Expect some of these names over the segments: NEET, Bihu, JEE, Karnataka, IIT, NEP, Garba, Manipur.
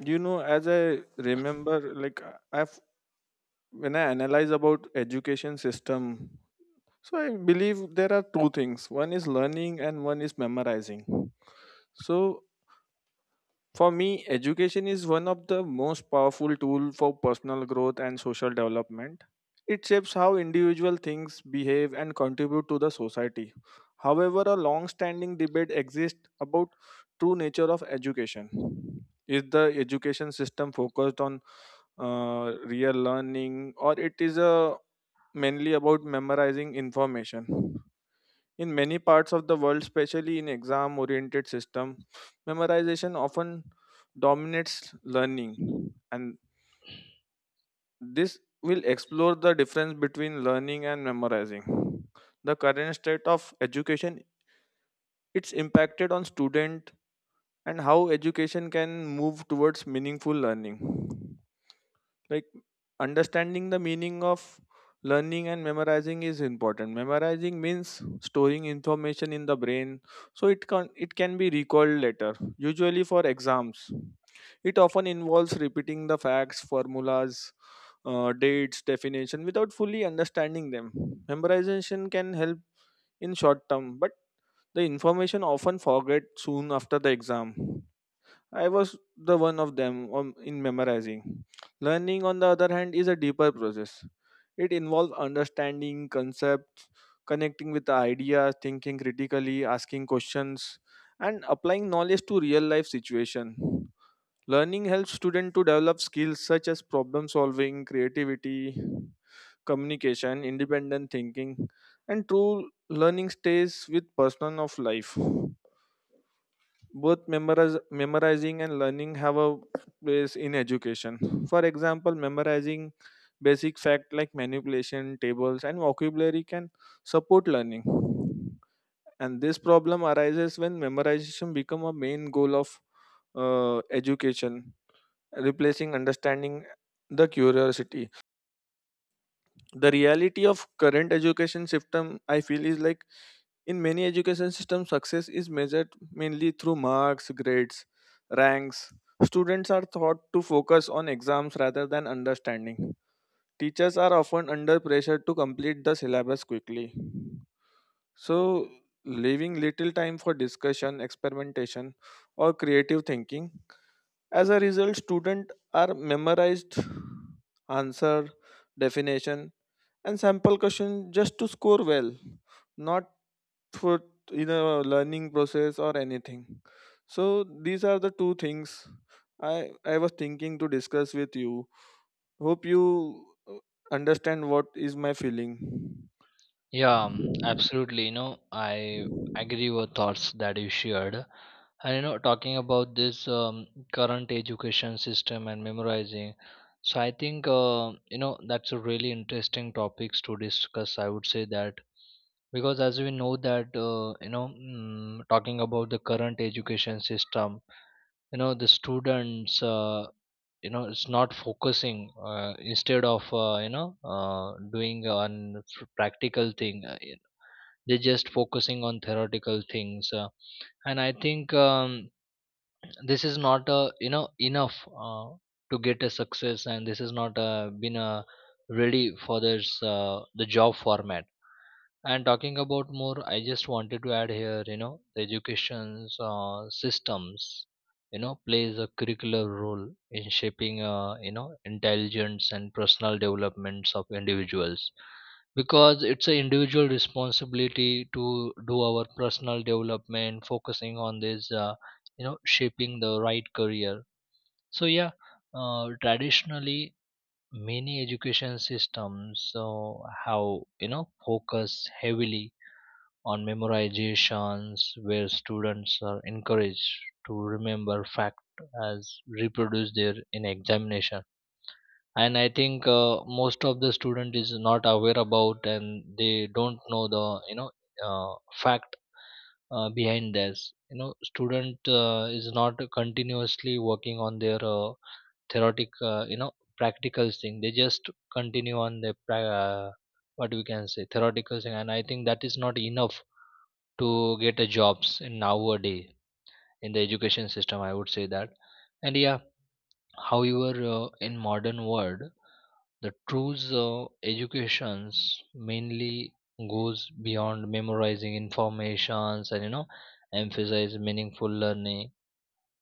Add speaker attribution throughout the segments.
Speaker 1: You know as I remember like I- I've When I analyze about education system, so I believe there are two things: one is learning and one is memorizing. So for me, education is one of the most powerful tools for personal growth and social development. It shapes how individual things behave and contribute to the society. However, a long-standing debate exists about true nature of education. Is the education system focused on real learning, or it is mainly about memorizing information? In many parts of the world, especially in exam-oriented system, memorization often dominates learning, and this will explore the difference between learning and memorizing. The current state of education, it's impacted on student, and how education can move towards meaningful learning. Like, understanding the meaning of learning and memorizing is important. Memorizing means storing information in the brain so it can be recalled later, usually for exams. It often involves repeating the facts, formulas, dates, definition without fully understanding them. Memorization can help in short term, but the information often forget soon after the exam. I was the one of them, in memorizing. Learning, on the other hand, is a deeper process. It involves understanding concepts, connecting with the ideas, thinking critically, asking questions, and applying knowledge to real life situation. Learning helps students to develop skills such as problem solving, creativity, communication, independent thinking, and true learning stays with person of life. Both memorizing and learning have a place in education. For example, memorizing basic fact like manipulation tables and vocabulary can support learning, and this problem arises when memorization become a main goal of education, replacing understanding, the curiosity. The reality of current education system, I feel, is like in many education systems success is measured mainly through marks, grades, ranks. Students are taught to focus on exams rather than understanding. Teachers are often under pressure to complete the syllabus quickly, so leaving little time for discussion, experimentation, or creative thinking. As a result, students are memorized answer, definition, and sample question just to score well, not for in a learning process or anything. So these are the two things I I was thinking to discuss with you. Hope you uh, understand what is my feeling.
Speaker 2: Yeah, absolutely. I agree with thoughts that you shared. Talking about this current education system and memorizing, so I think that's a really interesting topics to discuss. I would say that because as we know that talking about the current education system, the students. It's not focusing instead of doing on practical thing they're just focusing on theoretical things and I think this is not enough uh, to get a success, and this is not been ready for this the job format. And talking about more, I just wanted to add here, you know, the education systems, you know, plays a curricular role in shaping, intelligence and personal developments of individuals, because it's an individual responsibility to do our personal development focusing on this, shaping the right career. So yeah, traditionally many education systems, so how, you know, focus heavily on memorizations, where students are encouraged to remember fact as reproduce there in examination. And I think most of the student is not aware about, and they don't know the, uh, fact behind this, you know, student is not continuously working on their theoretic practical thing, they just continue on the what we can say theoretical thing. And I think that is not enough to get a jobs in nowadays in the education system, I would say that. And yeah, however, in modern world, the true's educations mainly goes beyond memorizing informations, and you know, emphasize meaningful learning.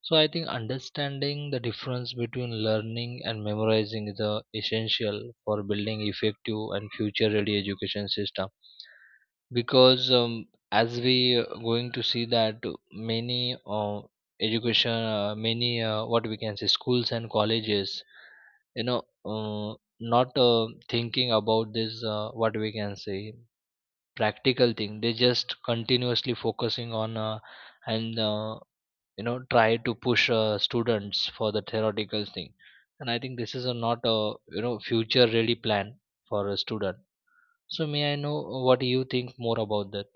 Speaker 2: So I think understanding the difference between learning and memorizing is essential for building effective and future ready education system, because as we going to see that many education many what we can say schools and colleges, you know uh, not thinking about this what we can say practical thing, they just continuously focusing on and you know try to push students for the theoretical thing. And I think this is a not a, you know, future really plan for a student. So may I know what you think more about that?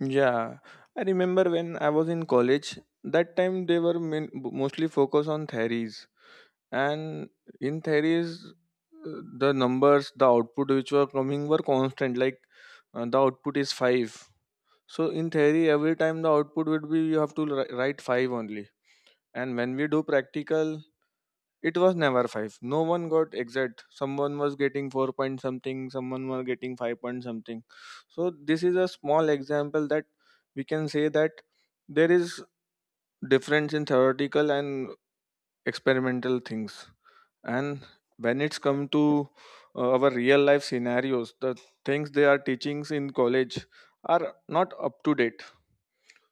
Speaker 1: Yeah, I remember when I was in college. That time they were mostly focused on theories, and in theories, uh, the numbers, the output which were coming were constant. Like the output is five. So in theory, every time the output would be you have to write five only. And when we do practical, it was never five. No one got exact. Someone was getting 4 point something, someone was getting 5 point something. So this is a small example that we can say that there is difference in theoretical and experimental things. And when it's come to our real life scenarios, the things they are teachings in college are not up to date.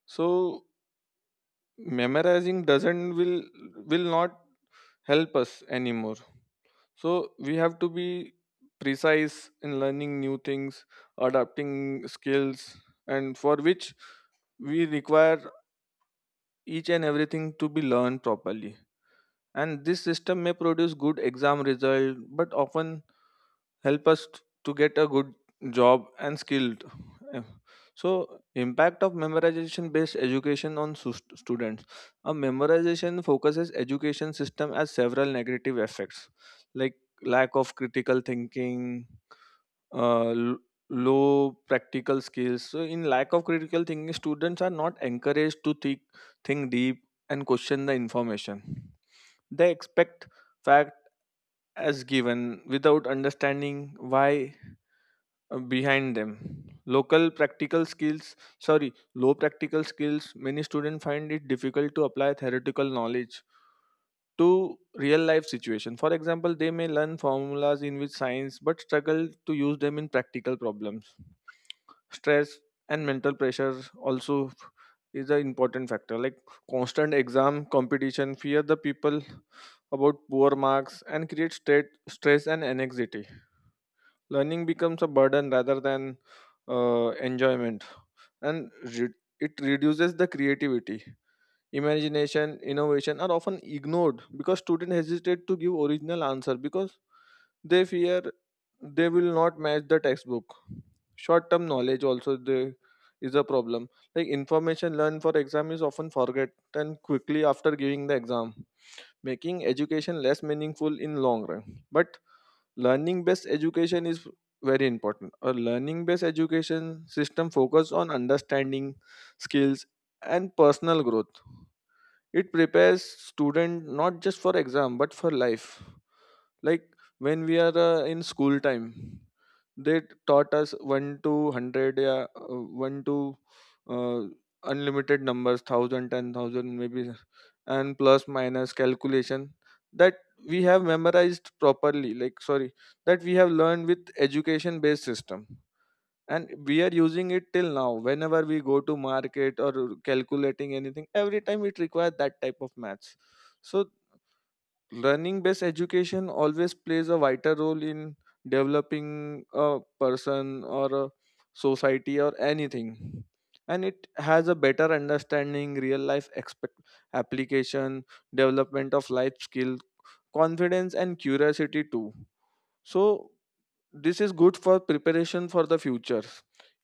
Speaker 1: So memorizing doesn't will not help us anymore. So we have to be precise in learning new things, adapting skills, and for which we require each and everything to be learned properly. And this system may produce good exam result, but often help us to get a good job and skilled. Eh, so impact of memorization based education on students, a memorization focuses education system as several negative effects like lack of critical thinking, uh, l- low practical skills. So in lack of critical thinking, students are not encouraged to think deep and question the information. They expect fact as given without understanding why behind them. Local practical skills, sorry, low practical skills, many students find it difficult to apply theoretical knowledge to real life situation. For example, they may learn formulas in which science but struggle to use them in practical problems. Stress and mental pressure also is an important factor like constant exam competition fear the people about poor marks and create stress and anxiety. Learning becomes a burden rather than enjoyment, and re- it reduces the creativity. Imagination, innovation are often ignored because students hesitate to give original answer because they fear they will not match the textbook. Short term knowledge is a problem, like information learned for exam is often forgotten quickly after giving the exam, making education less meaningful in long run. But learning based education is very important. A learning based education system focuses on understanding, skills, and personal growth. It prepares students not just for exam, but for life. Like when we are in school time, they taught us 1 to 100, yeah, 1 to uh, unlimited numbers, thousand, 10,000, maybe, and plus minus calculation that we have memorized properly, like sorry, that we have learned with education based system. And we are using it till now whenever we go to market or calculating anything. Every time it requires that type of maths. So learning based education always plays a vital role in developing a person or a society or anything. And it has a better understanding real life expect application, development of life skill, confidence and curiosity too. So this is good for preparation for the future.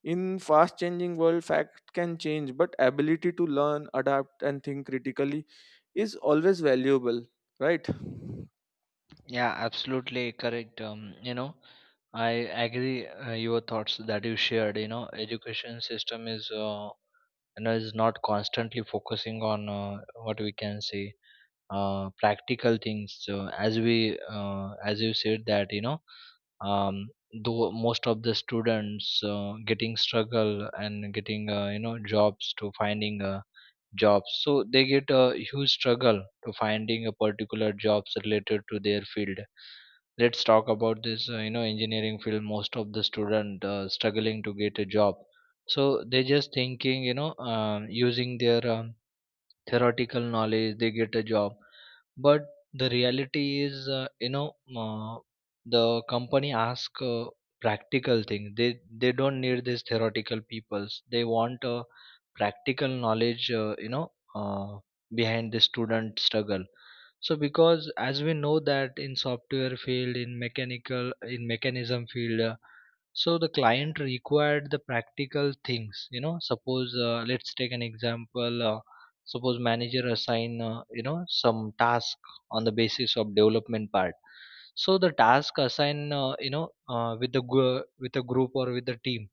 Speaker 1: In fast changing world fact can change, but ability to learn, adapt and think critically is always valuable, right?
Speaker 2: Yeah, absolutely correct. You know, I agree your thoughts that you shared. You know, education system is and is not constantly focusing on what we can say practical things. So as we as you said that, you know, um, though most of the students getting struggle and getting jobs to finding jobs, so they get a huge struggle to finding a particular jobs related to their field. Let's talk about this, engineering field, most of the student struggling to get a job, so they just thinking, you know, using their theoretical knowledge they get a job. But the reality is, uh, the company ask practical things, they don't need these theoretical peoples, they want practical knowledge, behind the student struggle. So because as we know that in software field, in mechanical, in mechanism field, so the client required the practical things, you know, suppose, let's take an example, suppose manager assign, some task on the basis of development part. So the task assign, with the with a group or with the team.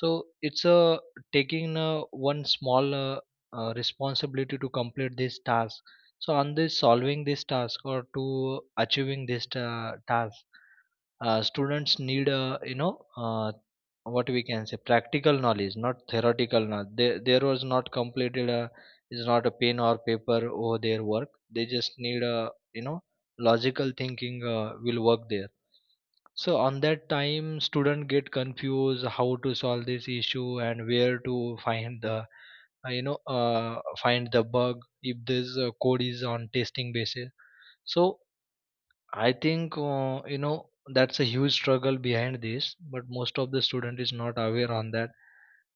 Speaker 2: So it's a taking one small responsibility to complete this task. So on this solving this task or to achieving this task, students need, what we can say practical knowledge, not theoretical knowledge. They, there was not completed is not a pen or paper over their work. They just need a, you know, logical thinking will work there. So on that time, student get confused how to solve this issue and where to find the, find the bug if this code is on testing basis. So I think, that's a huge struggle behind this, but most of the student is not aware on that.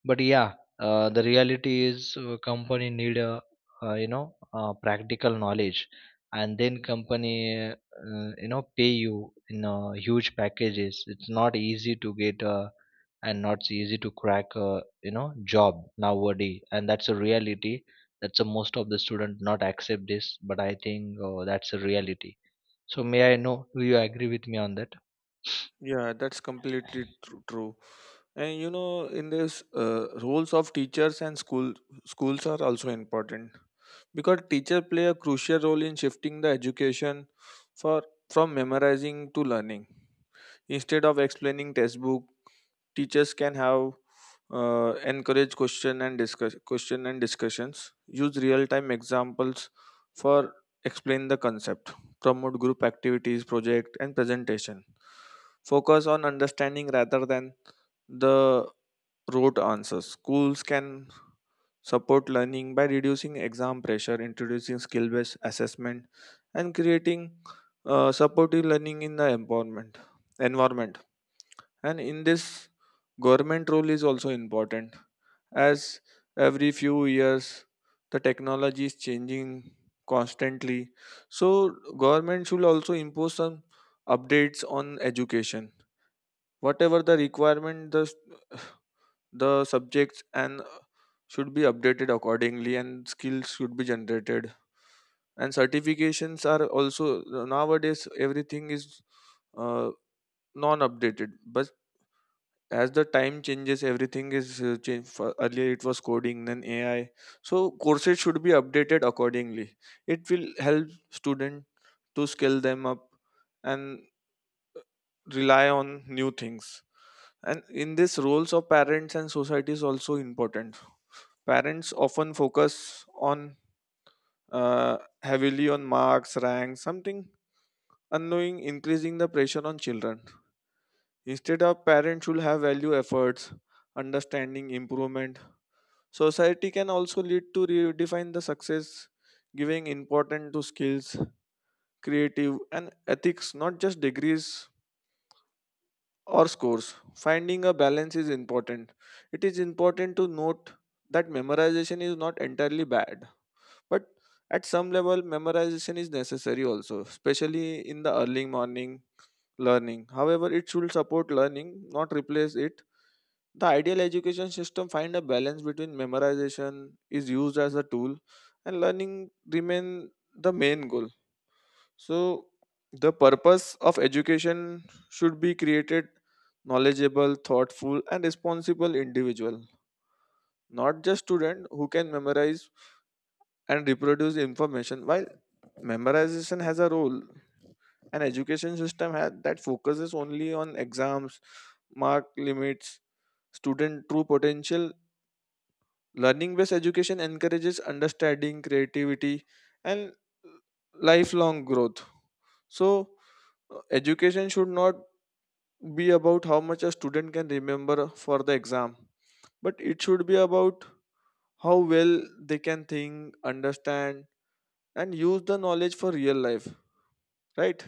Speaker 2: But yeah, the reality is, company need a, practical knowledge, and then company, pay you in huge packages. It's not easy to get and not so easy to crack a, you know, job nowadays, and that's a reality. That's a most of the student not accept this, but I think, that's a reality. So may I know, do you agree with me on that?
Speaker 1: Yeah, that's completely true. And you know, in this roles of teachers and schools are also important because teachers play a crucial role in shifting the education for from memorizing to learning. Instead of explaining textbook, teachers can have encourage question and discussions. Use real time examples for explain the concept. Promote group activities, project and presentation. Focus on understanding rather than the rote answers. Schools can support learning by reducing exam pressure, introducing skill based assessment, and creating supportive learning in the environment. And in this, government role is also important. As every few years the technology is changing constantly, so government should also impose some updates on education. Whatever the requirement, the subjects and should be updated accordingly and skills should be generated. And certifications are also, nowadays everything is uh, non updated. But as the time changes everything is change. For earlier it was coding, then AI. So courses should be updated accordingly. It will help student to scale them up and rely on new things. And in this, roles of parents and society is also important. Parents often focus on heavily on marks, rank something, unknowing increasing the pressure on children. Instead of, parents should have value efforts, understanding improvement. Society can also lead to redefine the success, giving importance to skills, creative, and ethics, not just degrees or scores. Finding a balance is important. It is important to note that memorization is not entirely bad. But at some level, memorization is necessary also, especially in the early morning learning. However, it should support learning, not replace it. The ideal education system find a balance between memorization is used as a tool and learning remain the main goal. So the purpose of education should be created knowledgeable, thoughtful and responsible individual, not just student who can memorize and reproduce information. While memorization has a role, an education system that focuses only on exams mark limits student true potential. Learning based education encourages understanding, creativity, and lifelong growth. So education should not be about how much a student can remember for the exam, but it should be about how well they can think, understand, and use the knowledge for real life, right?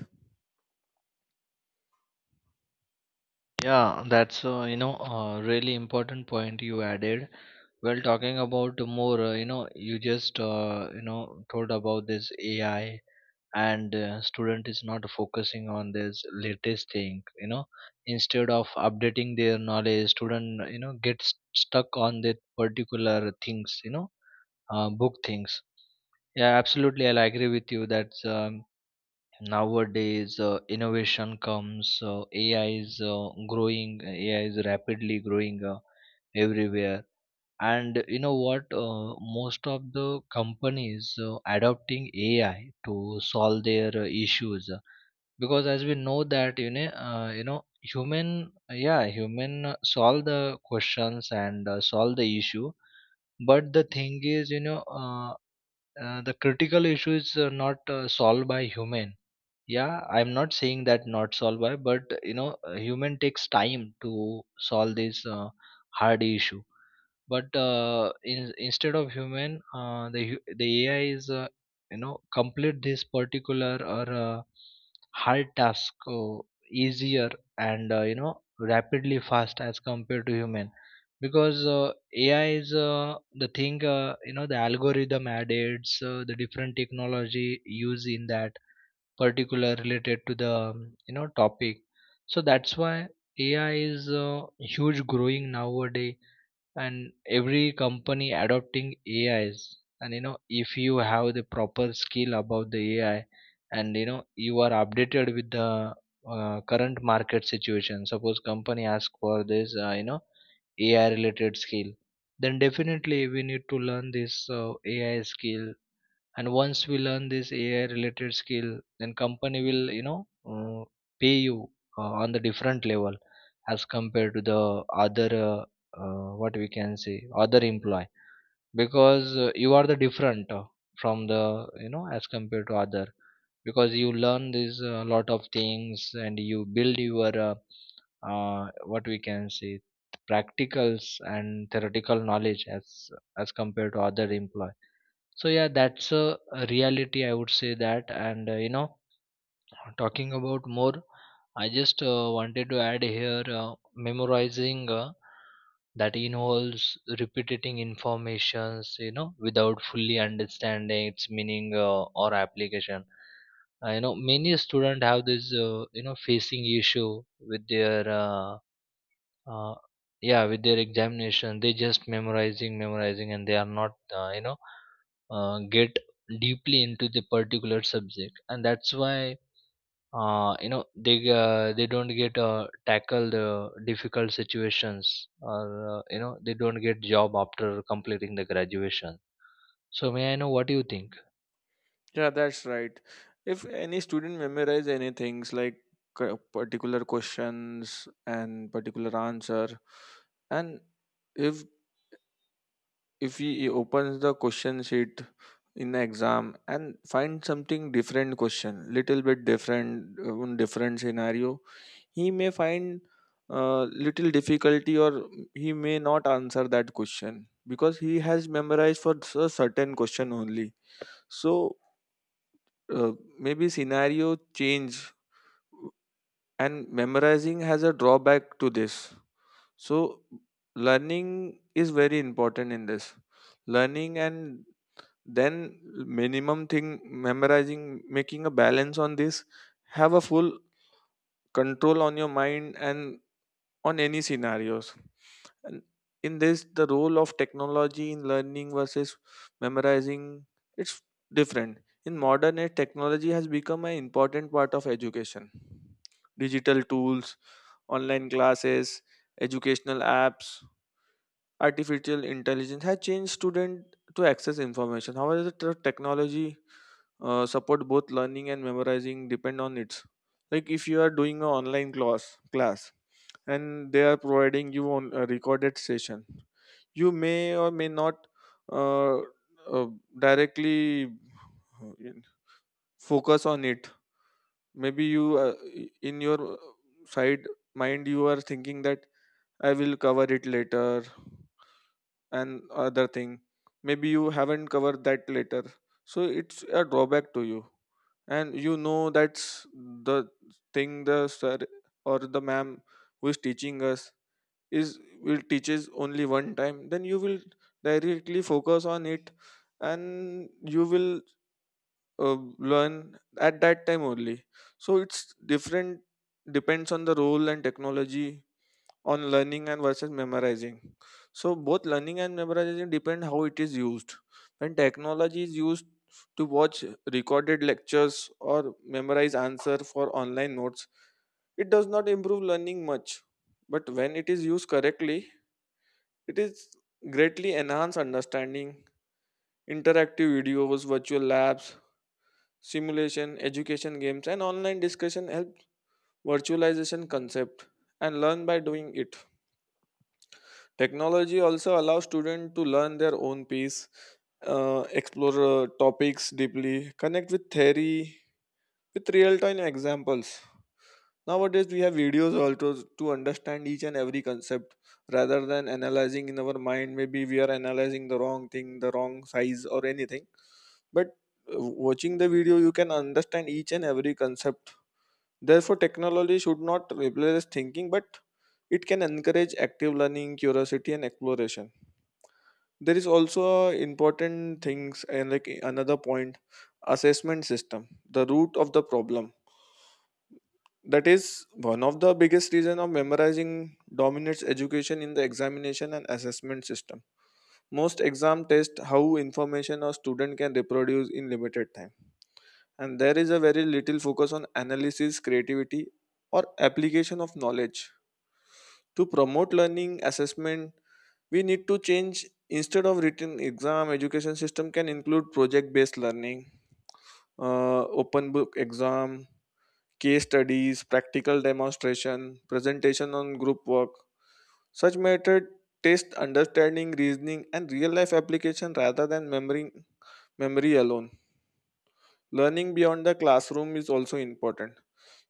Speaker 2: Yeah, that's, a really important point you added. Well, talking about more, you just told about this AI, and student is not focusing on this latest thing. You know, instead of updating their knowledge, student, you know, gets stuck on that particular things. You know, book things. Yeah, absolutely, I'll agree with you that nowadays innovation comes. AI is growing. AI is rapidly growing everywhere. And you know what, most of the companies adopting ai to solve their issues, because as we know that, human, yeah, human solve the questions and solve the issue. But the thing is, the critical issue is not solved by human. Yeah, I'm not saying that not solved by, but you know, human takes time to solve this hard issue. But instead of human, the ai is, complete this particular or hard task easier and, rapidly fast as compared to human. Because ai is, the thing, the algorithm added the different technology used in that particular related to the, topic. So that's why ai is huge growing nowadays, and every company adopting A is, and you know, if you have the proper skill about the ai, and you know you are updated with the current market situation, suppose company ask for this, ai related skill, then definitely we need to learn this ai skill. And once we learn this ai related skill, then company will, you know, uh, pay you on the different level as compared to the other what we can say other employee, because you are the different from the, you know, as compared to other, because you learn this a lot of things and you build your uh, what we can say practicals and theoretical knowledge as compared to other employee. So yeah, that's a reality, I would say that. And, talking about more, I just wanted to add here, memorizing that involves repeating informations, you know, without fully understanding its meaning or application. Many students have this, facing issue with their uh, yeah, with their examination, they just memorizing and they are not, get deeply into the particular subject. And that's why, they, they don't get tackle the difficult situations or, they don't get job after completing the graduation. So may I know what do you think?
Speaker 1: Yeah, that's right. If any student memorize any things like particular questions and particular answer, and if if he opens the question sheet in the exam and find something different question, little bit different, different scenario, he may find little difficulty, or he may not answer that question because he has memorized for a certain question only. So maybe scenario change and memorizing has a drawback to this. So learning is very important in this. Learning and then minimum thing memorizing, making a balance on this, have a full control on your mind and on any scenarios. And in this, the role of technology in learning versus memorizing, it's different. In modern age, technology has become an important part of education. Digital tools, online classes, educational apps, artificial intelligence has changed students to access information. However, the technology support both learning and memorizing depend on its. Like if you are doing an online class and they are providing you on a recorded session, you may or may not uh, uh, directly uh, focus on it. Maybe you, in your side mind, you are thinking that I will cover it later, and other thing, maybe you haven't covered that later, so it's a drawback to you. And you know that's the thing, the sir or the ma'am who is teaching us is will teaches only one time, then you will directly focus on it and you will uh, learn at that time only. So it's different, depends on the role and technology on learning and versus memorizing. So both learning and memorization depend how it is used. When technology is used to watch recorded lectures or memorize answer for online notes, it does not improve learning much, but when it is used correctly, it is greatly enhanced understanding, interactive videos, virtual labs, simulation, education games, and online discussion help virtualization concept and learn by doing it. Technology also allows students to learn their own pace, explore topics deeply, connect with theory with real-time examples. Nowadays, we have videos also to understand each and every concept rather than analyzing in our mind. Maybe we are analyzing the wrong thing, the wrong size, or anything. But uh, watching the video, you can understand each and every concept. Therefore, technology should not replace thinking, but it can encourage active learning, curiosity, and exploration. There is also important things, and like another point, assessment system, the root of the problem, that is one of the biggest reason of memorizing dominates education in the examination and assessment system. Most exam test how information a student can reproduce in limited time. And there is a very little focus on analysis, creativity, or application of knowledge. To promote learning assessment, we need to change. Instead of written exam, education system can include project based learning, open book exam, case studies, practical demonstration, presentation on group work. Such method test understanding, reasoning, and real life application rather than memory alone. Learning beyond the classroom is also important.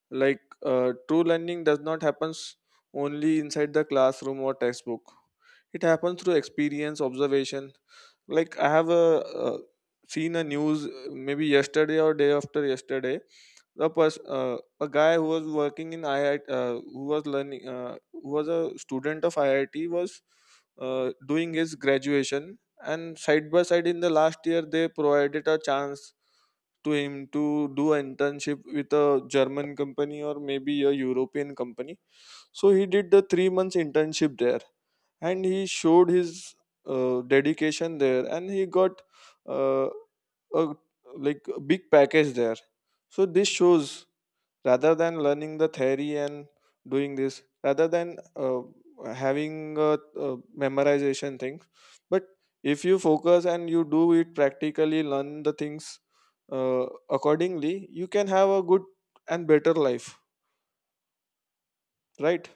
Speaker 1: Like, true learning does not happen only inside the classroom or textbook. It happens through experience, observation. Like I have a uh, seen a news, maybe yesterday or day after yesterday, a guy who was working in IIT, who was learning, who was a student of IIT, was doing his graduation, and side by side in the last year they provided a chance to him to do an internship with a German company or maybe a European company. So he did the 3 months internship there, and he showed his dedication there, and he got uh, a like a big package there. So this shows, rather than learning the theory and doing this, rather than having a memorization thing, but if you focus and you do it practically, learn the things accordingly, you can have a good and better life, right?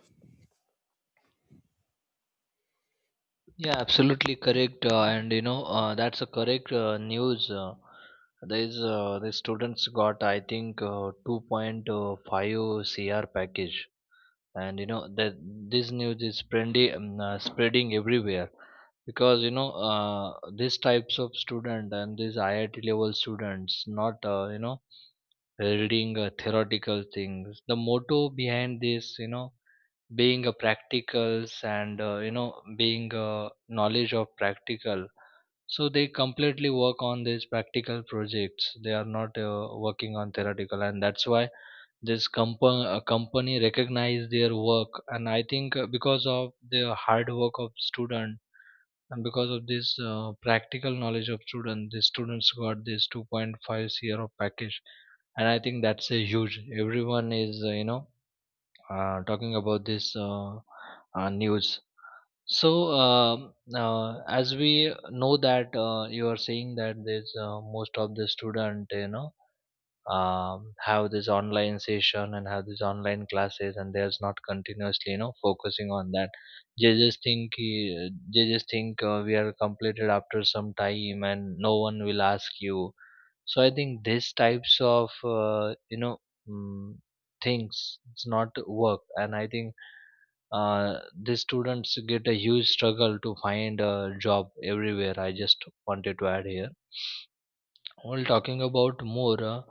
Speaker 2: Yeah, absolutely correct. And you know, that's a correct news. There is, the students got I think 2.5 CR package, and you know that this news is spreading, spreading everywhere, because you know, these types of student and these IIT level students not, reading theoretical things. The motto behind this, you know, being a practicals and, being a knowledge of practical. So they completely work on these practical projects, they are not working on theoretical, and that's why this company recognize their work. And I think, because of the hard work of student and because of this practical knowledge of student, the students got this 2.5 year of package. And I think that's a huge, everyone is, talking about this news. So, as we know that, you are saying that there's most of the student, you know, have this online session and have these online classes, and there's not continuously, you know, focusing on that. They just think we are completed after some time, and no one will ask you. So I think these types of, mm, things it's not work. And I think the students get a huge struggle to find a job everywhere. I just wanted to add here, while talking about more,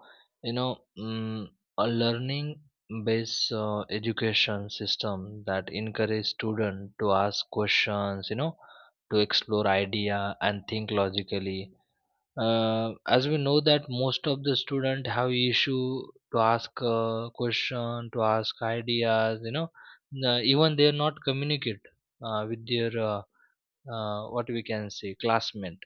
Speaker 2: you know mm, a learning based education system that encourage students to ask questions, you know, to explore idea and think logically. As we know that most of the student have issue to ask question, to ask ideas, you know. Even they are not communicate with their what we can say classmate.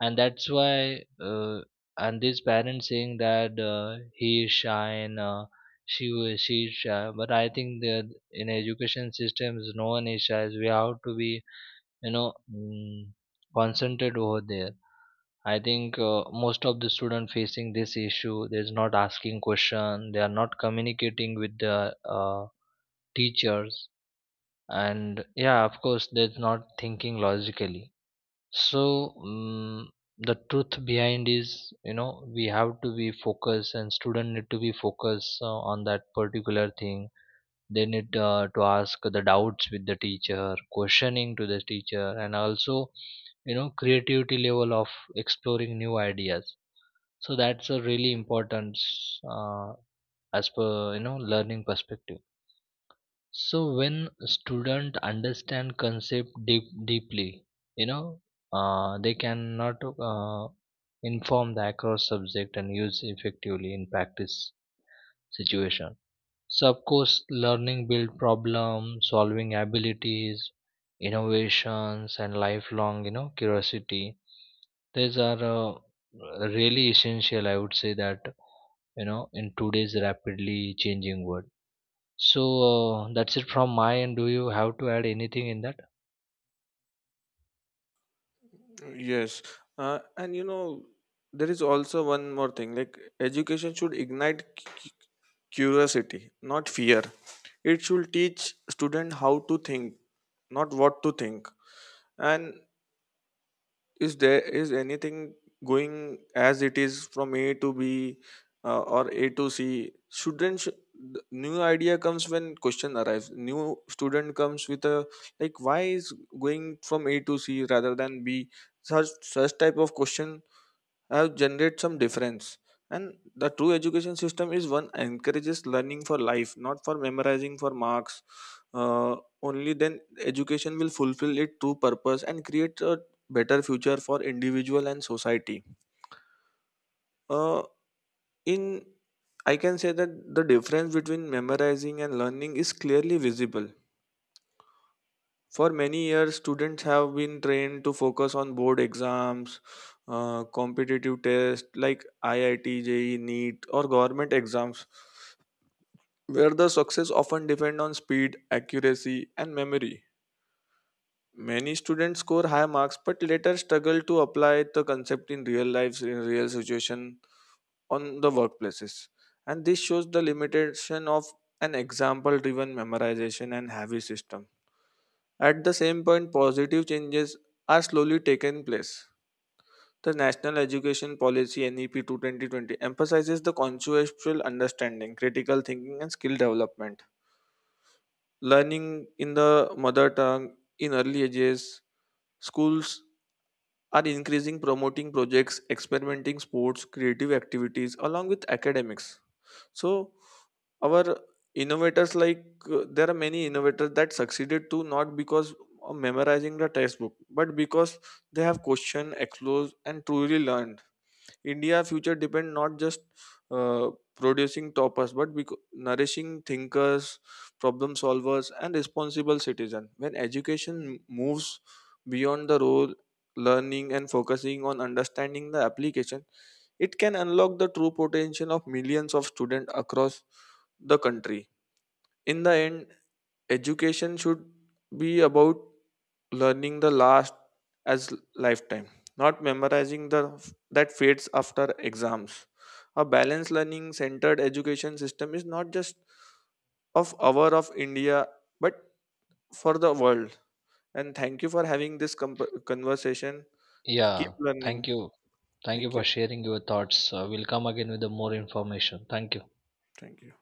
Speaker 2: And that's why, uh, and these parents saying that, he is shy and, she is shy, but I think that in education systems no one is shy, we have to be, you know mm, concentrated over there. I think, most of the student facing this issue, they is not asking question, they are not communicating with the teachers. And yeah, of course, they're not thinking logically. So the truth behind is, you know, we have to be focused, and student need to be focused on that particular thing. They need to ask the doubts with the teacher, questioning to the teacher, and also, you know, creativity level of exploring new ideas. So that's a really important uh, as per, you know, learning perspective. So when student understand concept deep, deeply, you know, they cannot, uh, inform the across subject and use effectively in practice situation. So of course, learning build problem solving abilities, innovations, and lifelong, you know, curiosity. These are really essential, I would say that, you know, in today's rapidly changing world. So, that's it from my end. Do you have to add anything in that?
Speaker 1: Yes, and you know, there is also one more thing, like education should ignite curiosity, not fear. It should teach student how to think, not what to think. And is there is anything going as it is from A to B, or A to C? The new idea comes when question arrives. New student comes with a, like why is going from A to C rather than B. Such type of question have generated some difference, and the true education system is one encourages learning for life, not for memorizing for marks. uh, Only then education will fulfill its true purpose and create a better future for individual and society. uh, in, I can say that the difference between memorizing and learning is clearly visible. For many years, students have been trained to focus on board exams, competitive tests like IIT, JEE, NEET, or government exams, where the success often depend on speed, accuracy, and memory. Many students score high marks but later struggle to apply the concept in real life, in real situation, on the workplaces. And this shows the limitation of an example-driven memorization and heavy system. At the same point, positive changes are slowly taking place. The National Education Policy NEP 2 2020 emphasizes the conceptual understanding, critical thinking, and skill development. Learning in the mother tongue in early ages, schools are increasing promoting projects, experimenting sports, creative activities, along with academics. So our innovators, like there are many innovators that succeeded too, not because of memorizing the textbook, but because they have questioned, explore, and truly learned. India future depend not just producing toppers, but nourishing thinkers, problem solvers, and responsible citizen. When education moves beyond the role learning and focusing on understanding the application, it can unlock the true potential of millions of students across the country. In the end, education should be about learning the last as lifetime, not memorizing the that fades after exams. A balanced learning centered education system is not just of our of India, but for the world. And thank you for having this conversation. Keep
Speaker 2: Yeah.
Speaker 1: learning.
Speaker 2: Thank you. Thank you
Speaker 1: Thank you.
Speaker 2: for sharing your thoughts. We'll come again with the more information. Thank you.
Speaker 1: Thank you.